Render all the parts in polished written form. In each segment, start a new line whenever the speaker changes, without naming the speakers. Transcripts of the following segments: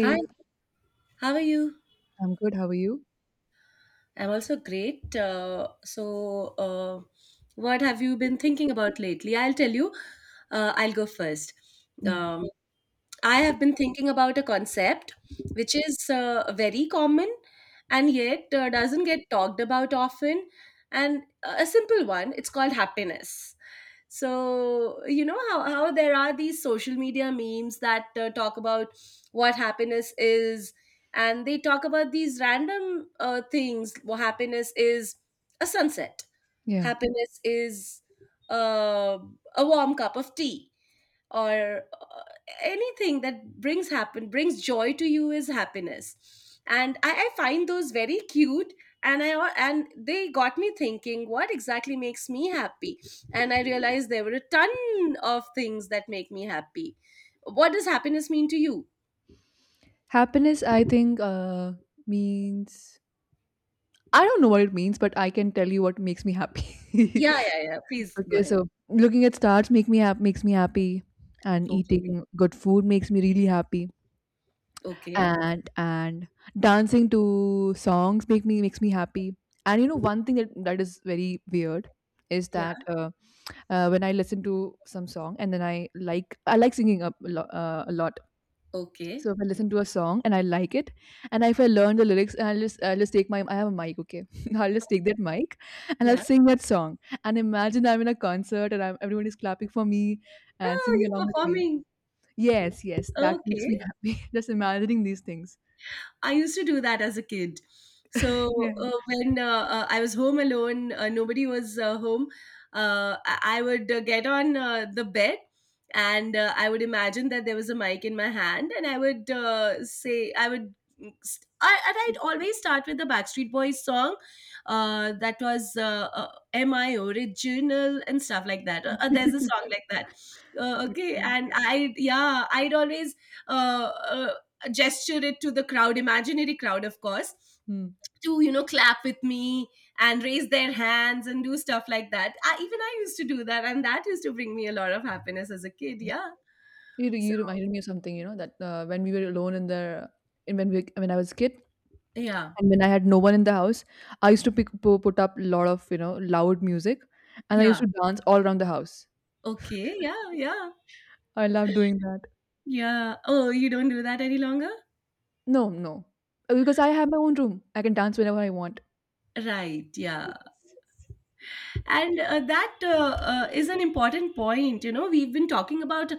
Hi, how are you?
I'm good. How are you?
I'm also great. What have you been thinking about lately? I'll tell you. I'll go first.
Hmm.
Um, I have been thinking about a concept which is very common and yet doesn't get talked about often. And A simple one, it's called happiness. So, you know how there are these social media memes that talk about what happiness is, and they talk about these random things. Well, happiness is a sunset,
Yeah.
happiness is uh, a warm cup of tea or anything that brings joy to you is happiness, and I find those very cute, and and they got me thinking what exactly makes me happy, and I realized there were a ton of things that make me happy. What does happiness mean to you?
Happiness, I think, means I don't know what it means, but I can tell you what makes me happy.
Yeah, yeah, yeah, please go
Okay,
ahead.
so looking at stars makes me happy, and
Okay.
eating good food makes me really happy,
Okay.
and dancing to songs makes me happy. And you know, one thing that is very weird is
Yeah.
that when I listen to some song and then I like singing a, a lot.
Okay.
So if I listen to a song and I like it, and if I learn the lyrics, and I'll just take my— I have a mic, okay, I'll just take that mic and I'll
Yeah.
sing that song. And imagine I'm in a concert and everyone is clapping for me and
Oh,
singing
you're
along with me.
performing.
Yes, yes, that makes me
Okay.
happy. Just imagining these things.
I used to do that as a kid. So
Yeah.
when I was home alone, nobody was home. I would get on the bed, and I would imagine that there was a mic in my hand, and I would I, and I'd always start with the Backstreet Boys song. That was "Am I Original" and stuff like that. There's a song like that. Okay,
Okay.
and yeah, I'd always uh, uh, gesture it to the crowd, imaginary crowd, of course,
Hmm.
to, you know, clap with me and raise their hands and do stuff like that. Even I used to do that, and that used to bring me a lot of happiness as a kid. Yeah.
You,
So,
you reminded me of something, you know, that when we were alone in the, in when we, when I was a kid,
yeah.
and when I had no one in the house, I used to put up a lot of you know loud music, and I used
Yeah.
to dance all around the house.
Okay. Yeah. Yeah.
I love doing that.
Yeah. Oh, you don't do that any longer?
No, no. Because I have my own room. I can dance whenever I want.
Right. Yeah.
Yes.
And that is an important point. You know, we've been talking about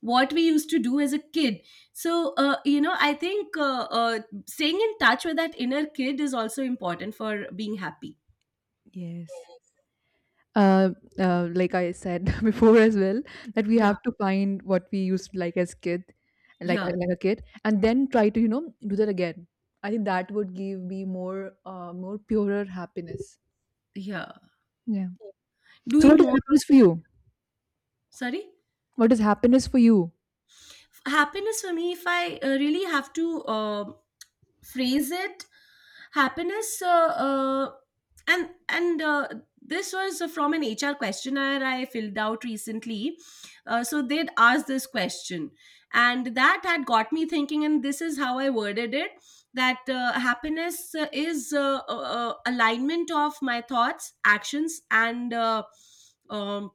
what we used to do as a kid, so you know, I think staying in touch with that inner kid is also important for being happy.
Yes. Uh, like I said before as well, that we
Yeah.
have to find what we used to like as kid,
Yeah.
like a kid, and then try to you know do that again. I think that would give me more, more purer happiness.
Yeah.
Yeah. So, what
Doing
is
more.
happiness for you?
Sorry.
What is happiness for you?
Happiness for me, if I really have to phrase it, happiness uh, and this was from an HR questionnaire I filled out recently. So they'd asked this question, and that had got me thinking, and this is how I worded it: that happiness is alignment of my thoughts, actions, and um,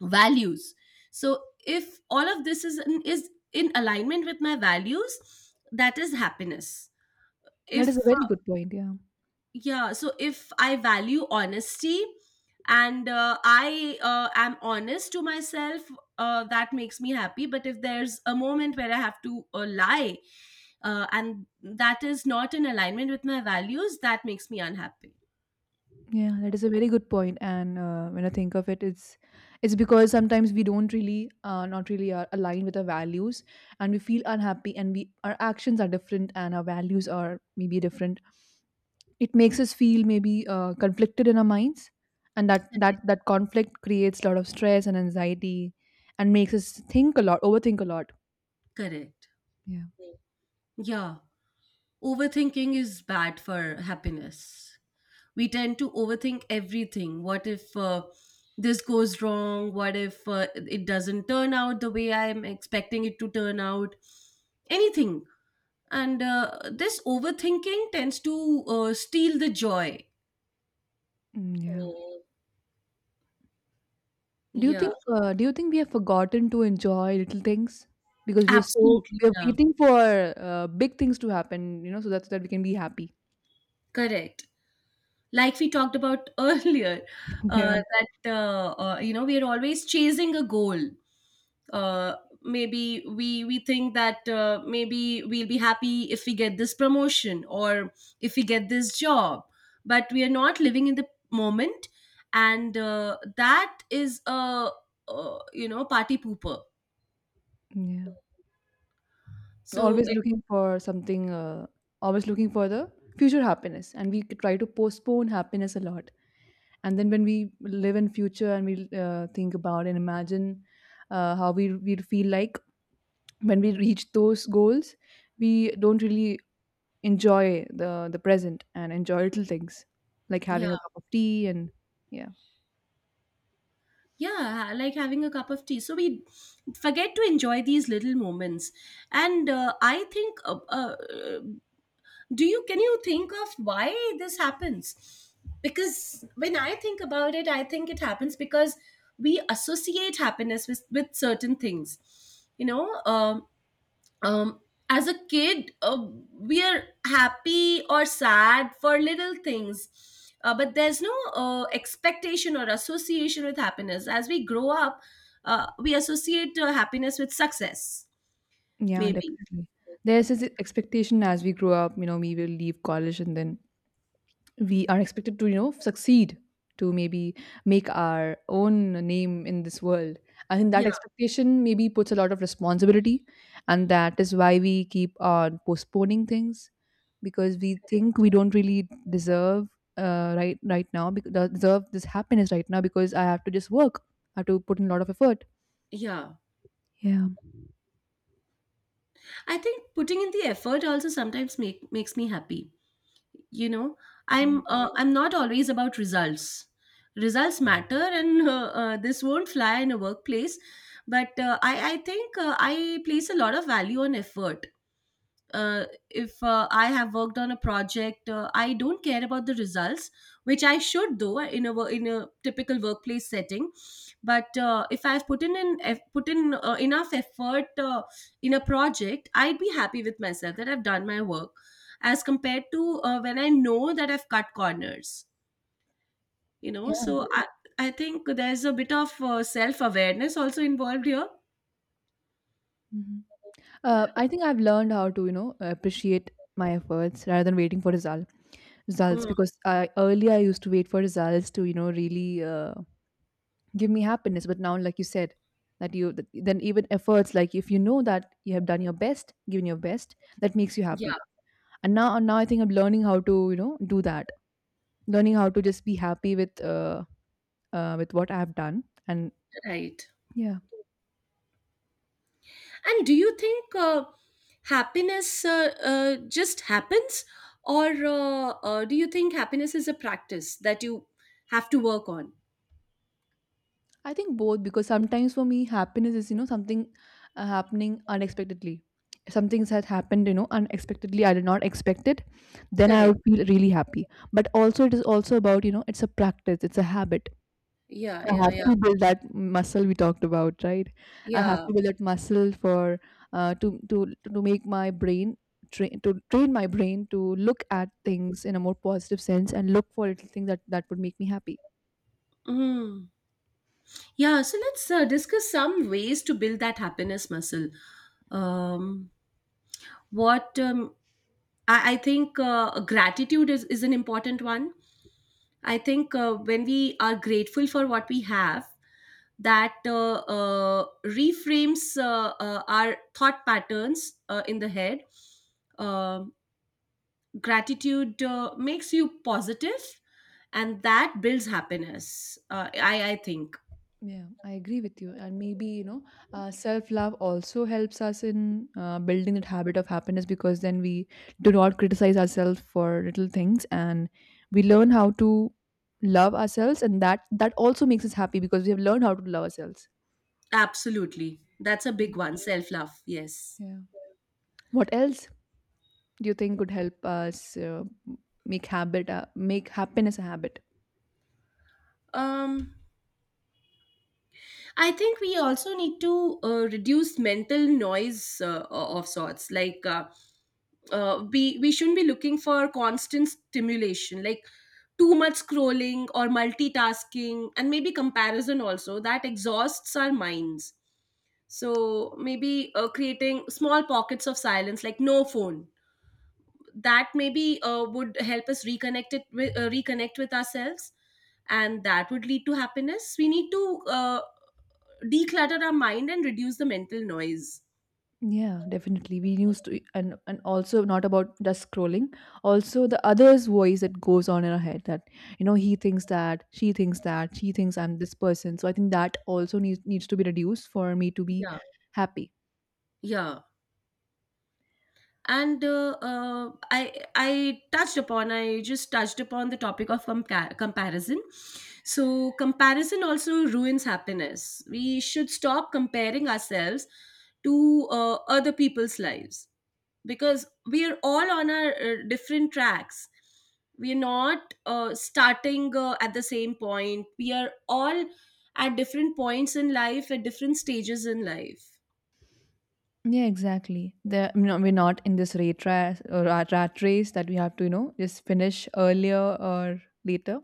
values. So if all of this is in alignment with my values, that is happiness.
That is a
If—
very good point. Yeah,
yeah, so if I value honesty and I am honest to myself, that makes me happy. But if there's a moment where I have to lie, and that is not in alignment with my values, that makes me unhappy.
yeah, that is a very good point. And when I think of it, it's because sometimes we don't really, not really, are aligned with our values, and we feel unhappy, and we— our actions are different, and our values are maybe different. It makes us feel maybe conflicted in our minds, and that that
Correct.
that conflict creates a lot of stress and anxiety, and makes us think a lot, overthink a lot.
Correct.
Yeah.
Yeah, overthinking is bad for happiness. We tend to overthink everything. What if this goes wrong? What if it doesn't turn out the way I'm expecting it to turn out? Anything. And this overthinking tends to steal the joy.
Mm, yeah. Do you
Yeah.
think— do you think we have forgotten to enjoy little things because
Absolutely,
we are
yeah.
waiting for big things to happen, you know, so that we can be happy.
Correct. Like we talked about earlier, uh,
Yeah.
that you know, we are always chasing a goal. uh, Maybe we think that maybe we'll be happy if we get this promotion or if we get this job, but we are not living in the moment, and that is a, you know, party pooper.
Yeah.
So
Always
it—
looking for something, always looking for the future happiness, and we try to postpone happiness a lot. And then when we live in future and we think about and imagine how we feel like when we reach those goals, we don't really enjoy the present and enjoy little things like
yeah.
having a cup of tea and yeah.
Yeah, like having a cup of tea. So we forget to enjoy these little moments, and I think, do you can you think of why this happens? Because when I think about it, I think it happens because we associate happiness with certain things, you know. Um, as a kid, we are happy or sad for little things, but there's no expectation or association with happiness. As we grow up, we associate happiness with success,
Yeah,
maybe.
definitely, there's this expectation as we grow up, you know, we will leave college, and then we are expected to you know succeed, to maybe make our own name in this world. I think that
Yeah,
expectation maybe puts a lot of responsibility, and that is why we keep on postponing things, because we think we don't really deserve— right now, because deserve this happiness right now, because I have to just work, I have to put in a lot of effort.
yeah.
Yeah.
I think putting in the effort also sometimes makes me happy. You know,
Mm,
I'm not always about results. Results matter, and this won't fly in a workplace, but I think I place a lot of value on effort. If I have worked on a project, I don't care about the results, which I should do in in a typical workplace setting. But if I've put in enough effort in a project, I'd be happy with myself that I've done my work, as compared to when I know that I've cut corners. You know,
yeah.
so I think there's a bit of self awareness also involved here.
Mhm. I think I've learned how to you know appreciate my efforts rather than waiting for results,
Mm.
because I— earlier I used to wait for results to you know really give me happiness, but now like you said, then even efforts, like if you know that you have done your best, given your best, that makes you
Yeah,
happy. And now I think I'm learning how to you know do that, learning how to just be happy with what I have done and
right.
yeah.
And do you think happiness just happens, or do you think happiness is a practice that you have to work on?
I think both, because sometimes for me happiness is you know something happening unexpectedly. Something that happened you know unexpectedly, I did not expect it, then I
Correct.
would feel really happy. But also it is also about you know it's a practice, it's a habit.
Yeah,
I
yeah,
have
yeah,
to build that muscle we talked about, right? I have
yeah.
to build that muscle for uh, to to to make my brain train to train my brain to look at things in a more positive sense and look for little things that would make me happy.
Mm. Yeah, so let's discuss some ways to build that happiness muscle. Um, what I think gratitude is an important one. I think when we are grateful for what we have, that reframes our thought patterns in the head. Um Gratitude makes you positive, and that builds happiness. I think
Yeah, I agree with you. And maybe, you know, self love also helps us in building that habit of happiness, because then we do not criticize ourselves for little things, and we learn how to love ourselves, and that also makes us happy because we have learned how to love ourselves.
absolutely that's a
Mm.
big one. Self love, yes.
Yeah. What else do you think could help us make happiness a habit?
Um, I think we also need to reduce mental noise of sorts. Like, we shouldn't be looking for constant stimulation, like too much scrolling or multitasking, and maybe comparison also that exhausts our minds. So maybe creating small pockets of silence, like no phone, that maybe would help us reconnect with ourselves, and that would lead to happiness. We need to. Declutter our mind and reduce the mental noise.
Yeah, definitely. We used to, and also not about just scrolling. Also, the other's voice that goes on in our head that you know he thinks that— she thinks that— she thinks I'm this person. So I think that also needs to be reduced for me to be
Yeah.
happy.
Yeah. And I just touched upon the topic of comparison. So comparison also ruins happiness. We should stop comparing ourselves to other people's lives, because we are all on our different tracks. We're not starting at the same point. We are all at different points in life, at different stages in life.
Yeah, exactly. The, no, we're not in this rate race, or rat race, that we have to you know just finish earlier or later.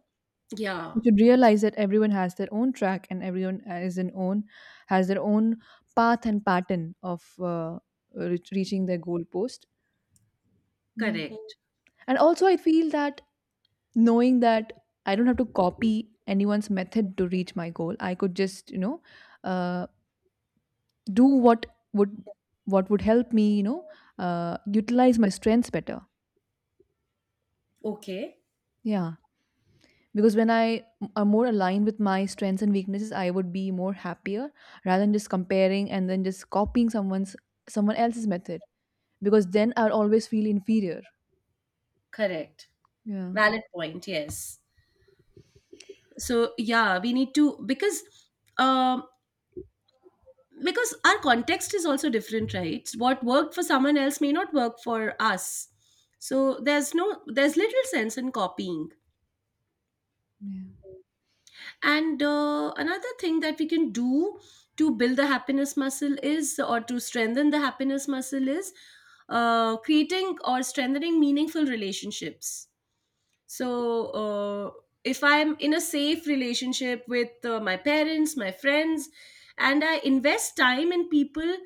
Yeah.
You should realize that everyone has their own track, and everyone is an own has their own path and pattern of reaching their goal post. Yeah.
Correct.
And also I feel that knowing that I don't have to copy anyone's method to reach my goal, I could just you know uh, do would what would help me you know utilize my strengths better.
Okay.
Yeah, because when I m- are more aligned with my strengths and weaknesses, I would be more happier, rather than just comparing and then just copying someone else's method, because then I'll always feel inferior.
Correct.
yeah
Valid point, yes. So yeah, we need to, because um our context is also different, right? What worked for someone else may not work for us, so there's no there's little sense in copying.
yeah
And another thing that we can do to build the happiness muscle is, or to strengthen the happiness muscle is, creating or strengthening meaningful relationships. So, if I'm in a safe relationship with my parents, my friends, and I invest time in people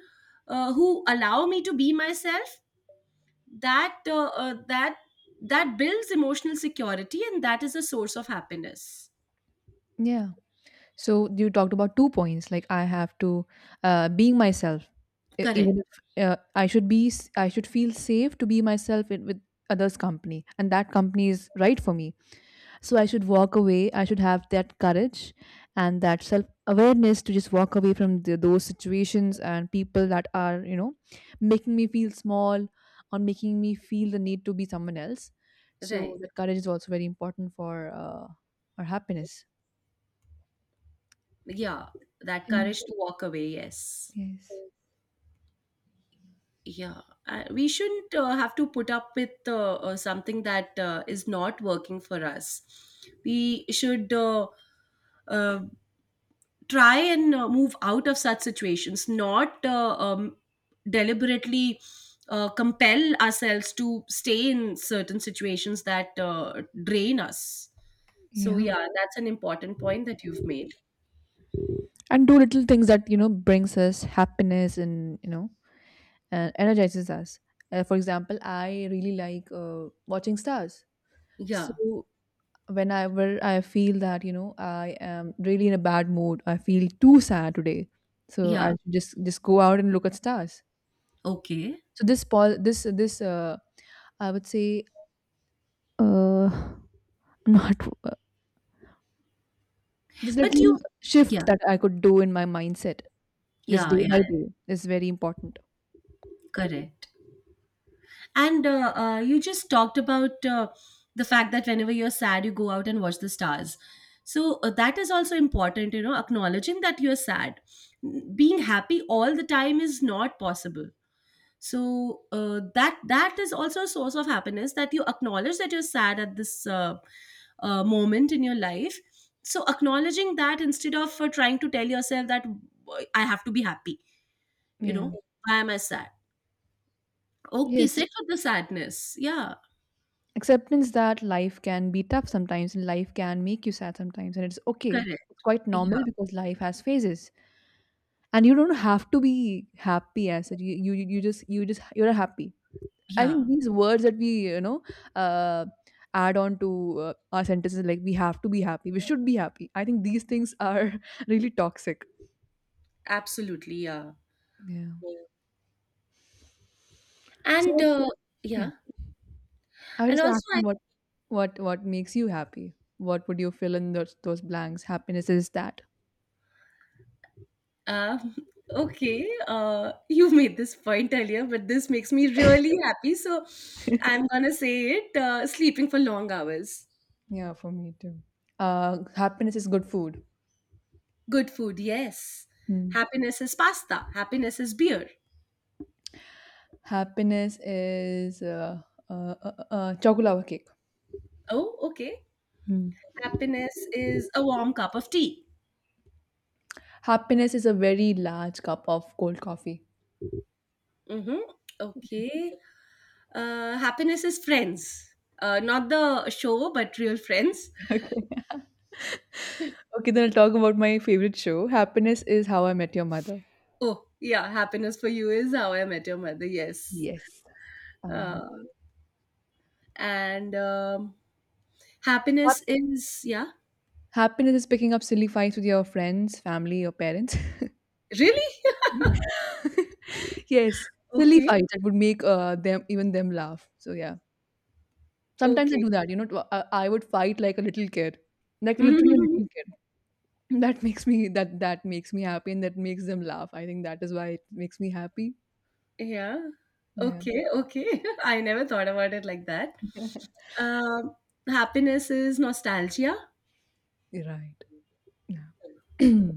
who allow me to be myself, that uh, uh, that that builds emotional security, and that is a source of happiness.
yeah so you talked about two points, like I have to— being myself. E-
Correct.
even if I should be s- I should feel safe to be myself in, with others' company, and that company is right for me. So I should walk away. I should have that courage and that self awareness to just walk away from those situations and people that are, you know, making me feel small or making me feel the need to be someone else. So
Right.
that courage is also very important for our happiness.
Yeah, that
Yeah.
courage to walk away, yes.
Yes.
Yeah, we shouldn't have to put up with something that is not working for us. We should uh, try and move out of such situations, not deliberately compel ourselves to stay in certain situations that drain us. So
Yeah.
yeah, that's an important point that you've made.
And do little things that, you know, brings us happiness and, you know, and energizes us. For example, I really like watching stars.
Yeah.
So whenever I feel that, you know, I am really in a bad mood, I feel too sad today. So I
Yeah.
should just go out and look at stars.
Okay.
So this pause, this I would say— uh, not uh, this
But you—
little
yeah.
shift that I could do in my mindset just
Yeah,
day
yeah.
by day is very important.
Correct. And you just talked about the fact that whenever you're sad, you go out and watch the stars. So that is also important, you know, acknowledging that you're sad. Being happy all the time is not possible. So that is also a source of happiness, that you acknowledge that you're sad at this moment in your life. So acknowledging that instead of trying to tell yourself that, "Why— I have to be happy, you
Yeah.
know, why am I sad?" Okay,
Yes.
sit with the sadness. Yeah.
Acceptance that life can be tough sometimes, and life can make you sad sometimes, and it's okay.
Correct.
It's quite
Yeah.
normal because life has phases. And you don't have to be happy as such. You just you're happy. I think
Yeah.
these words that we you know uh, add on to our sentences, like we have to be happy, we should be happy— I think these things are really toxic.
Absolutely. Yeah.
Yeah.
Yeah. And
So yeah,
yeah,
I
and
was just
also
asking
I
what— what makes you happy? What would you fill in those blanks? Happiness is that.
uh, okay, you made this point earlier, but this makes me really happy. So I'm gonna say it: sleeping for long hours,
Yeah, for me too. Happiness is good food.
good food, yes.
Hmm.
Happiness is pasta. Happiness is beer.
Happiness is chocolate lava cake.
Oh, okay.
Hmm.
Happiness is a warm cup of tea.
Happiness is a very large cup of cold coffee.
Mm-hmm. Okay. Happiness is friends. Not the show, but real friends.
Okay. Okay, then I'll talk about my favorite show. Happiness is How I Met Your Mother.
Oh, yeah, Happiness for You is How I Met Your Mother, yes.
Yes. And
Uh, and
hap-
Happiness is, yeah.
happiness is picking up silly fights with your friends, family, or parents.
Really?
Yes, silly
Okay,
fights that would make them even them laugh. So yeah, sometimes I
okay.
do that. You know, tw- I would fight like a little kid, like literally a
Mhm.
little kid. That that makes me happy, and that makes them laugh. I think that is why it makes me happy.
Yeah.
Yeah,
Okay, okay. I never thought about it like that. Um, Happiness is nostalgia.
you're right. Yeah.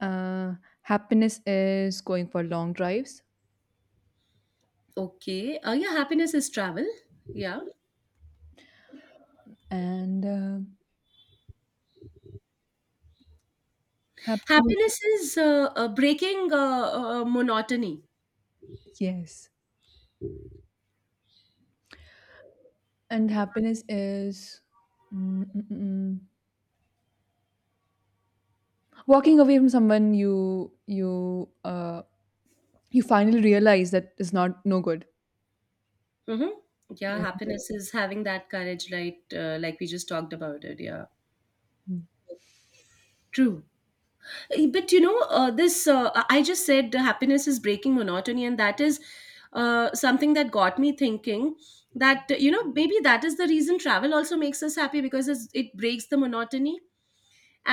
Uh, happiness is going for long drives,
Okay. Yeah, happiness is travel. Yeah.
and happiness,
Happiness is breaking monotony.
yes, and happiness is mm, mm, mm, walking away from someone you— you finally realize that is not no good.
Mm-hmm. Yeah,
Yeah.
happiness is having that courage, right? Like we just talked about it. Yeah,
Mm,
true. But you know, this I just said the happiness is breaking monotony, and that is something that got me thinking that you know maybe that is the reason travel also makes us happy because it breaks the monotony.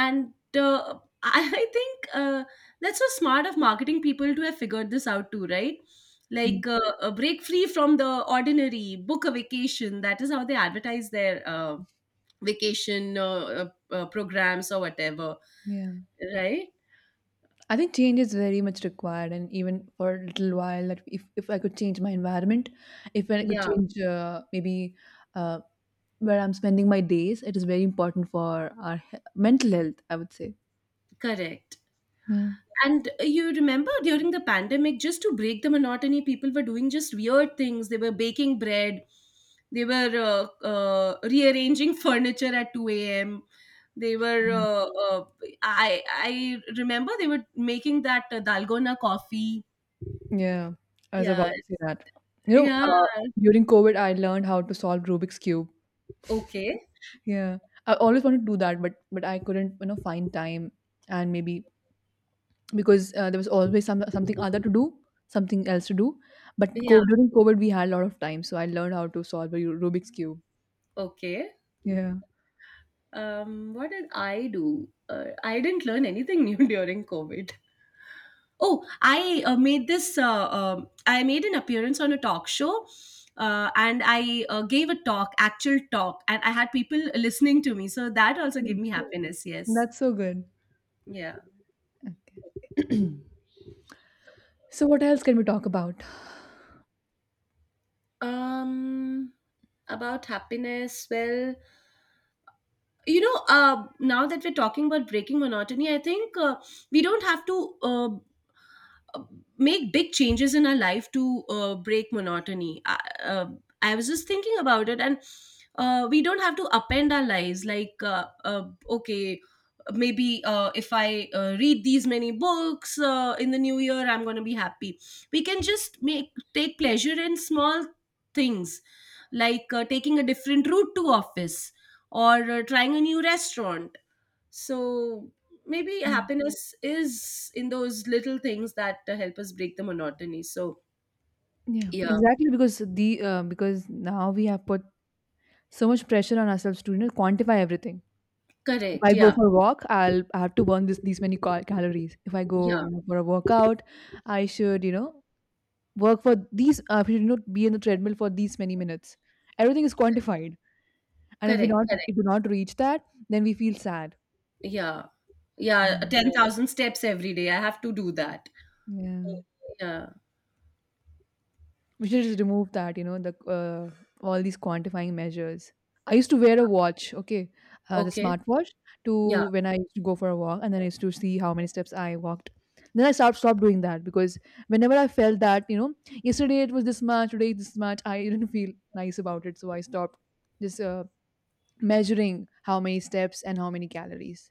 And think that's so smart of marketing people to have figured this out too, right? Like
mm,
break free from the ordinary, book a vacation. That is how they advertise their vacation programs or whatever,
yeah,
right?
I think change is very much required, and even for a little while, that if I could change my environment, if I could
Yeah,
change maybe uh, where I'm spending my days, it is very important for our mental health, I would say.
correct.
Yeah.
And you remember during the pandemic, just to break the monotony, people were doing just weird things. They were baking bread, they were rearranging furniture at 2 a.m. They were,
Mm.
uh, I remember they were making that dalgona coffee.
Yeah, I was
Yeah,
about to say that. You know,
yeah,
uh, During COVID, I learned how to solve Rubik's cube.
okay,
Yeah, I always wanted to do that, but I couldn't, you know, find time and maybe because there was always something other to do, something else to do. But
yeah,
during COVID, we had a lot of time, so I learned how to solve a Rubik's cube.
okay.
Yeah.
What did I do? I didn't learn anything new during COVID. Oh, I made this. I made an appearance on a talk show, and I gave a talk, actual talk, and I had people listening to me. So that also gave
Mm.
me happiness. Yes,
That's so good.
yeah.
Okay. So what else can we talk about?
Um, about happiness, well. You know, now that we're talking about breaking monotony, I think we don't have to uh, uh, make big changes in our life to break monotony. Uh, I was just thinking about it, and we don't have to upend our lives like okay, maybe if I read these many books in the new year, I'm going to be happy. We can just make take pleasure in small things like taking a different route to office or trying a new restaurant. So maybe happiness is in those little things that help us break the monotony. So,
Yeah,
yeah,
exactly, because the because now we have put so much pressure on ourselves to, you know, quantify everything. If
correct.
I go
Yeah,
for a walk, I have to burn this these many calories. If I go,
yeah,
you know, for a workout, I should, you know, work for these. I should, you know, be in the treadmill for these many minutes. Everything is quantified, and
correct,
if
correct.
we do not reach that, then we feel sad.
Yeah, yeah,
Yeah.
10,000 steps every day. I have to do that.
Yeah.
Yeah,
We should just remove that, you know, the all these quantifying measures. I used to wear a watch, okay, the
okay.
smartwatch,
Yeah,
to when I used to go for a walk, and then I used to see how many steps I walked. Then I stopped doing that because whenever I felt that, you know, yesterday it was this much, today it's this much, I didn't feel nice about it, so I stopped just measuring how many steps and how many calories.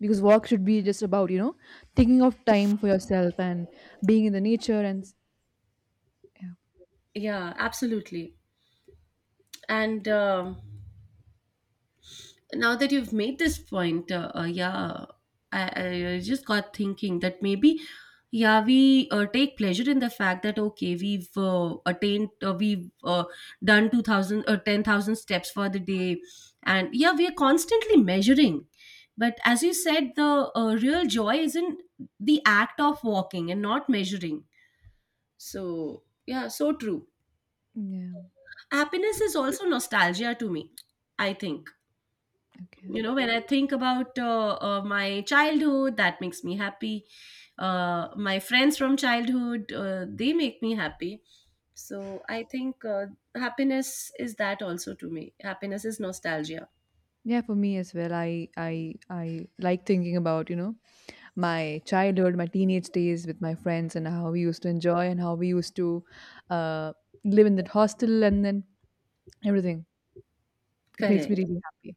Because walk should be just about, you know, taking off time for yourself and being in the nature yeah.
yeah, absolutely. And um, now that you've made this point, yeah, I just got thinking that maybe, yeah, we take pleasure in the fact that okay, we've attained, we've done 2,000 or 10,000 steps for the day, and yeah, we are constantly measuring. But as you said, the real joy is in the act of walking and not measuring. So yeah, so true.
Yeah.
Happiness is also nostalgia to me, I think.
Okay.
You know, when I think about my childhood, that makes me happy. My friends from childhood, they make me happy. So I think happiness is that also to me. Happiness is nostalgia.
Yeah, for me as well. I like thinking about, you know, my childhood, my teenage days with my friends and how we used to enjoy and how we used to uh, live in that hostel and then everything. It makes
Correct,
me really happy.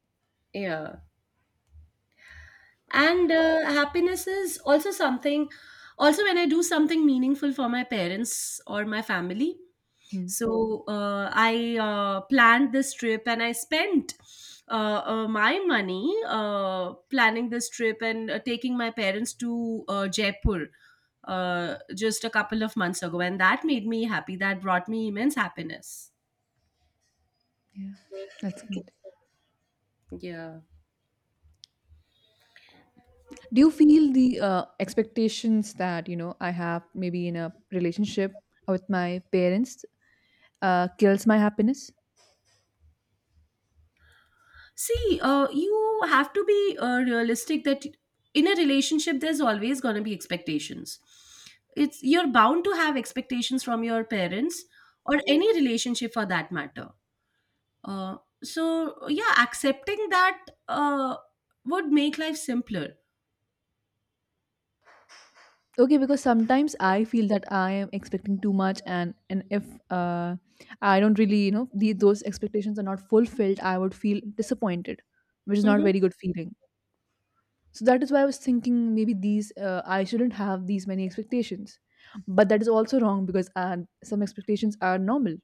yeah. And happiness is also something, also when I do something meaningful for my parents or my family.
Hmm.
So I planned this trip and I spent my money planning this trip and taking my parents to Jaipur just a couple of months ago, and that made me happy. That brought me immense happiness.
Yeah. That's good.
Yeah.
Do you feel the expectations that, you know, I have maybe in a relationship with my parents kills my happiness?
See, you have to be realistic that in a relationship, there's always going to be expectations. It's you're bound to have expectations from your parents or any relationship for that matter. Uh, so yeah, accepting that would make life simpler.
Okay, because sometimes I feel that I am expecting too much, and and if uh, I don't really, you know, those expectations are not fulfilled, I would feel disappointed, which is not a
Hmm.
very good feeling. So that is why I was thinking maybe these I shouldn't have these many expectations, but that is also wrong because some expectations are normal.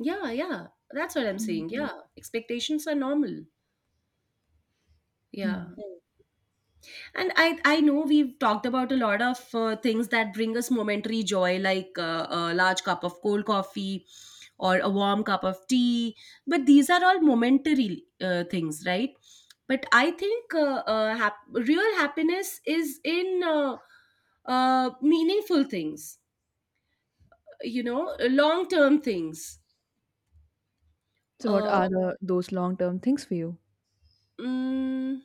Yeah, yeah, that's what I'm
Mm.
saying. Yeah, expectations are normal. Yeah.
Hmm.
And I know we've talked about a lot of things that bring us momentary joy, like a large cup of cold coffee or a warm cup of tea. But these are all momentary things, right? But I think real happiness is in meaningful things, you know, long term things.
So what
Uh,
are the those long term things for you?
mm,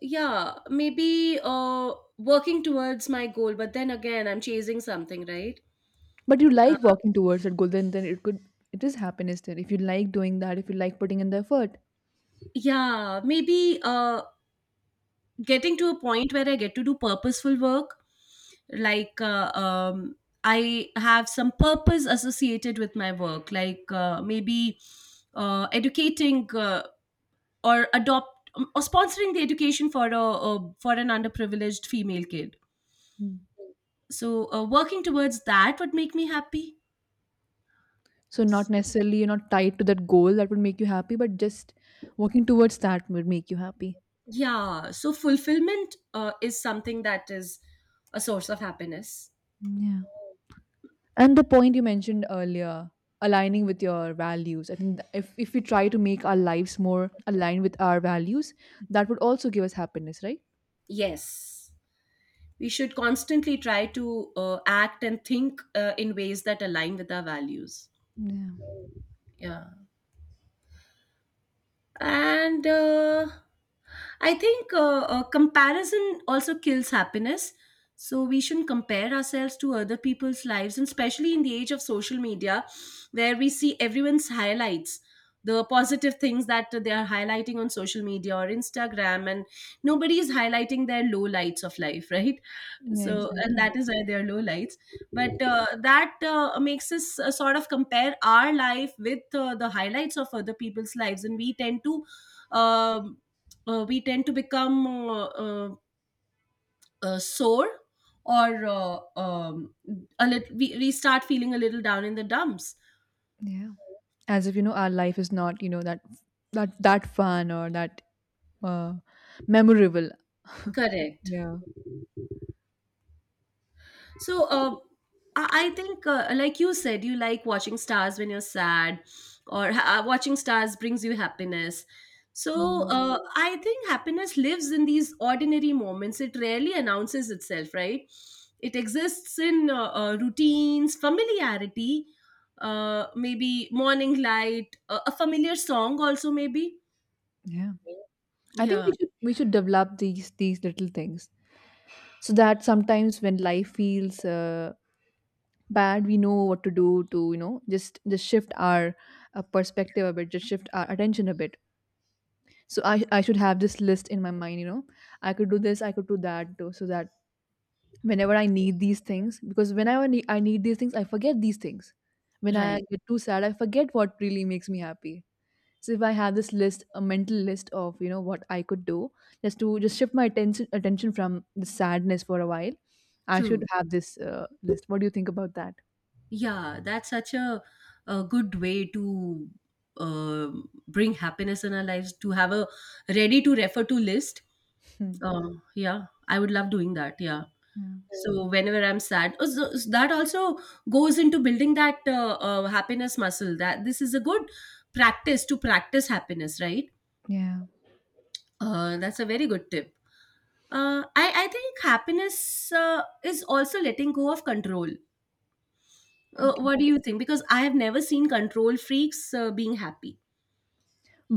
yeah, maybe working towards my goal, but then again, I'm chasing something, right?
But you
Uh,
like walking towards that goal, then it could it is happiness. Then if you like doing that, if you like putting in the effort.
yeah, maybe getting to a point where I get to do purposeful work, like I have some purpose associated with my work, like maybe educating or adopt, or sponsoring the education for a for an underprivileged female kid.
Hmm.
So working towards that would make me happy.
So not necessarily you're not tied to that goal that would make you happy, but just working towards that would make you happy.
Yeah, so fulfillment is something that is a source of happiness.
Yeah. And the point you mentioned earlier, aligning with your values. I think if we try to make our lives more aligned with our values, that would also give us happiness, right?
Yes, we should constantly try to act and think in ways that align with our values.
Yeah.
Yeah. And I think comparison also kills happiness. So we shouldn't compare ourselves to other people's lives, and especially in the age of social media, where we see everyone's highlights, the positive things that they are highlighting on social media or Instagram, and nobody is highlighting their low lights of life, right?
Yeah,
So, and
exactly.
that is why they are low lights. But that makes us sort of compare our life with the highlights of other people's lives, and we tend to, um, we tend to become sore or a little, we start feeling a little down in the dumps.
Yeah. As if, you know, our life is not, you know, that that that fun or that uh, memorable.
Correct.
Yeah.
So, I think, like you said, you like watching stars when you're sad, or watching stars brings you happiness. So,
Yeah.
I think happiness lives in these ordinary moments. It rarely announces itself, right? It exists in routines, familiarity, maybe morning light, a familiar song, also, maybe.
Yeah. I think
Yeah,
we should develop these little things so that sometimes when life feels bad, we know what to do to, you know, just shift our perspective a bit, just shift our attention a bit. So I should have this list in my mind, you know, I could do this, I could do that too, so that whenever I need these things, because whenever I need these things, I forget these things. When I
right.
get too sad, I forget what really makes me happy. So if I have this list, a mental list of, you know, what I could do just to just shift my attention from the sadness for a while, I should
True.
have this list. What do you think about that?
Yeah, that's such a good way to uh, bring happiness in our lives, to have a ready to refer to list.
Hmm.
Yeah, I would love doing that. Yeah.
Yeah.
So whenever I'm sad, so that also goes into building that happiness muscle. That this is a good practice to practice happiness, right?
Yeah.
That's a very good tip. I think happiness is also letting go of control.
Okay.
What do you think? Because I have never seen control freaks being happy.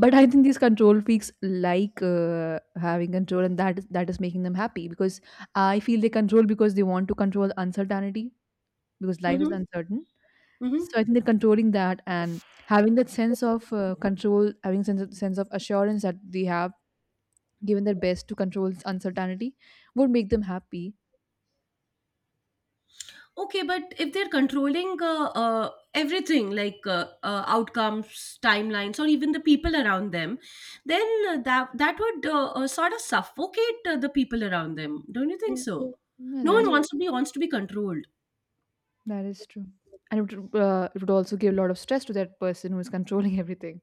But I think these control freaks like having control, and that is making them happy, because I feel they control because they want to control uncertainty, because life is
Mhm,
uncertain. So
mhm.
I think they're controlling that, and having that sense of control, having sense of assurance that they have given their best to control uncertainty would make them happy.
Okay, but if they're controlling everything, like outcomes, timelines, or even the people around them, then that would sort of suffocate the people around them. Don't you think
Yeah,
so?
yeah,
No one Yes. wants to be controlled.
that is true. And it would also give a lot of stress to that person who is controlling everything.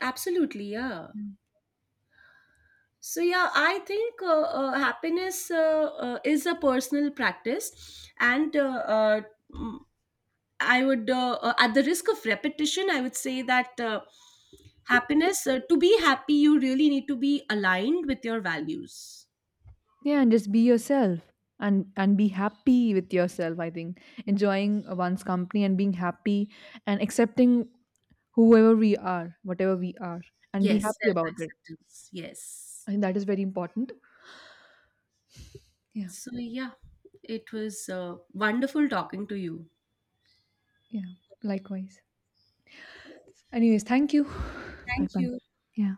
Absolutely, yeah.
Mm.
So yeah, I think happiness is a personal practice, and uh, I would, at the risk of repetition, I would say that happiness, to be happy, you really need to be aligned with your values.
Yeah, and just be yourself and be happy with yourself. I think enjoying one's company and being happy and accepting whoever we are, whatever we are, and be
Yes,
happy
self
about it.
acceptance. Yes.
I think that is very important. Yeah,
So, yeah, it was wonderful talking to you.
yeah. Likewise. Anyways, thank you. Bye
Thank
bye.
you.
Yeah.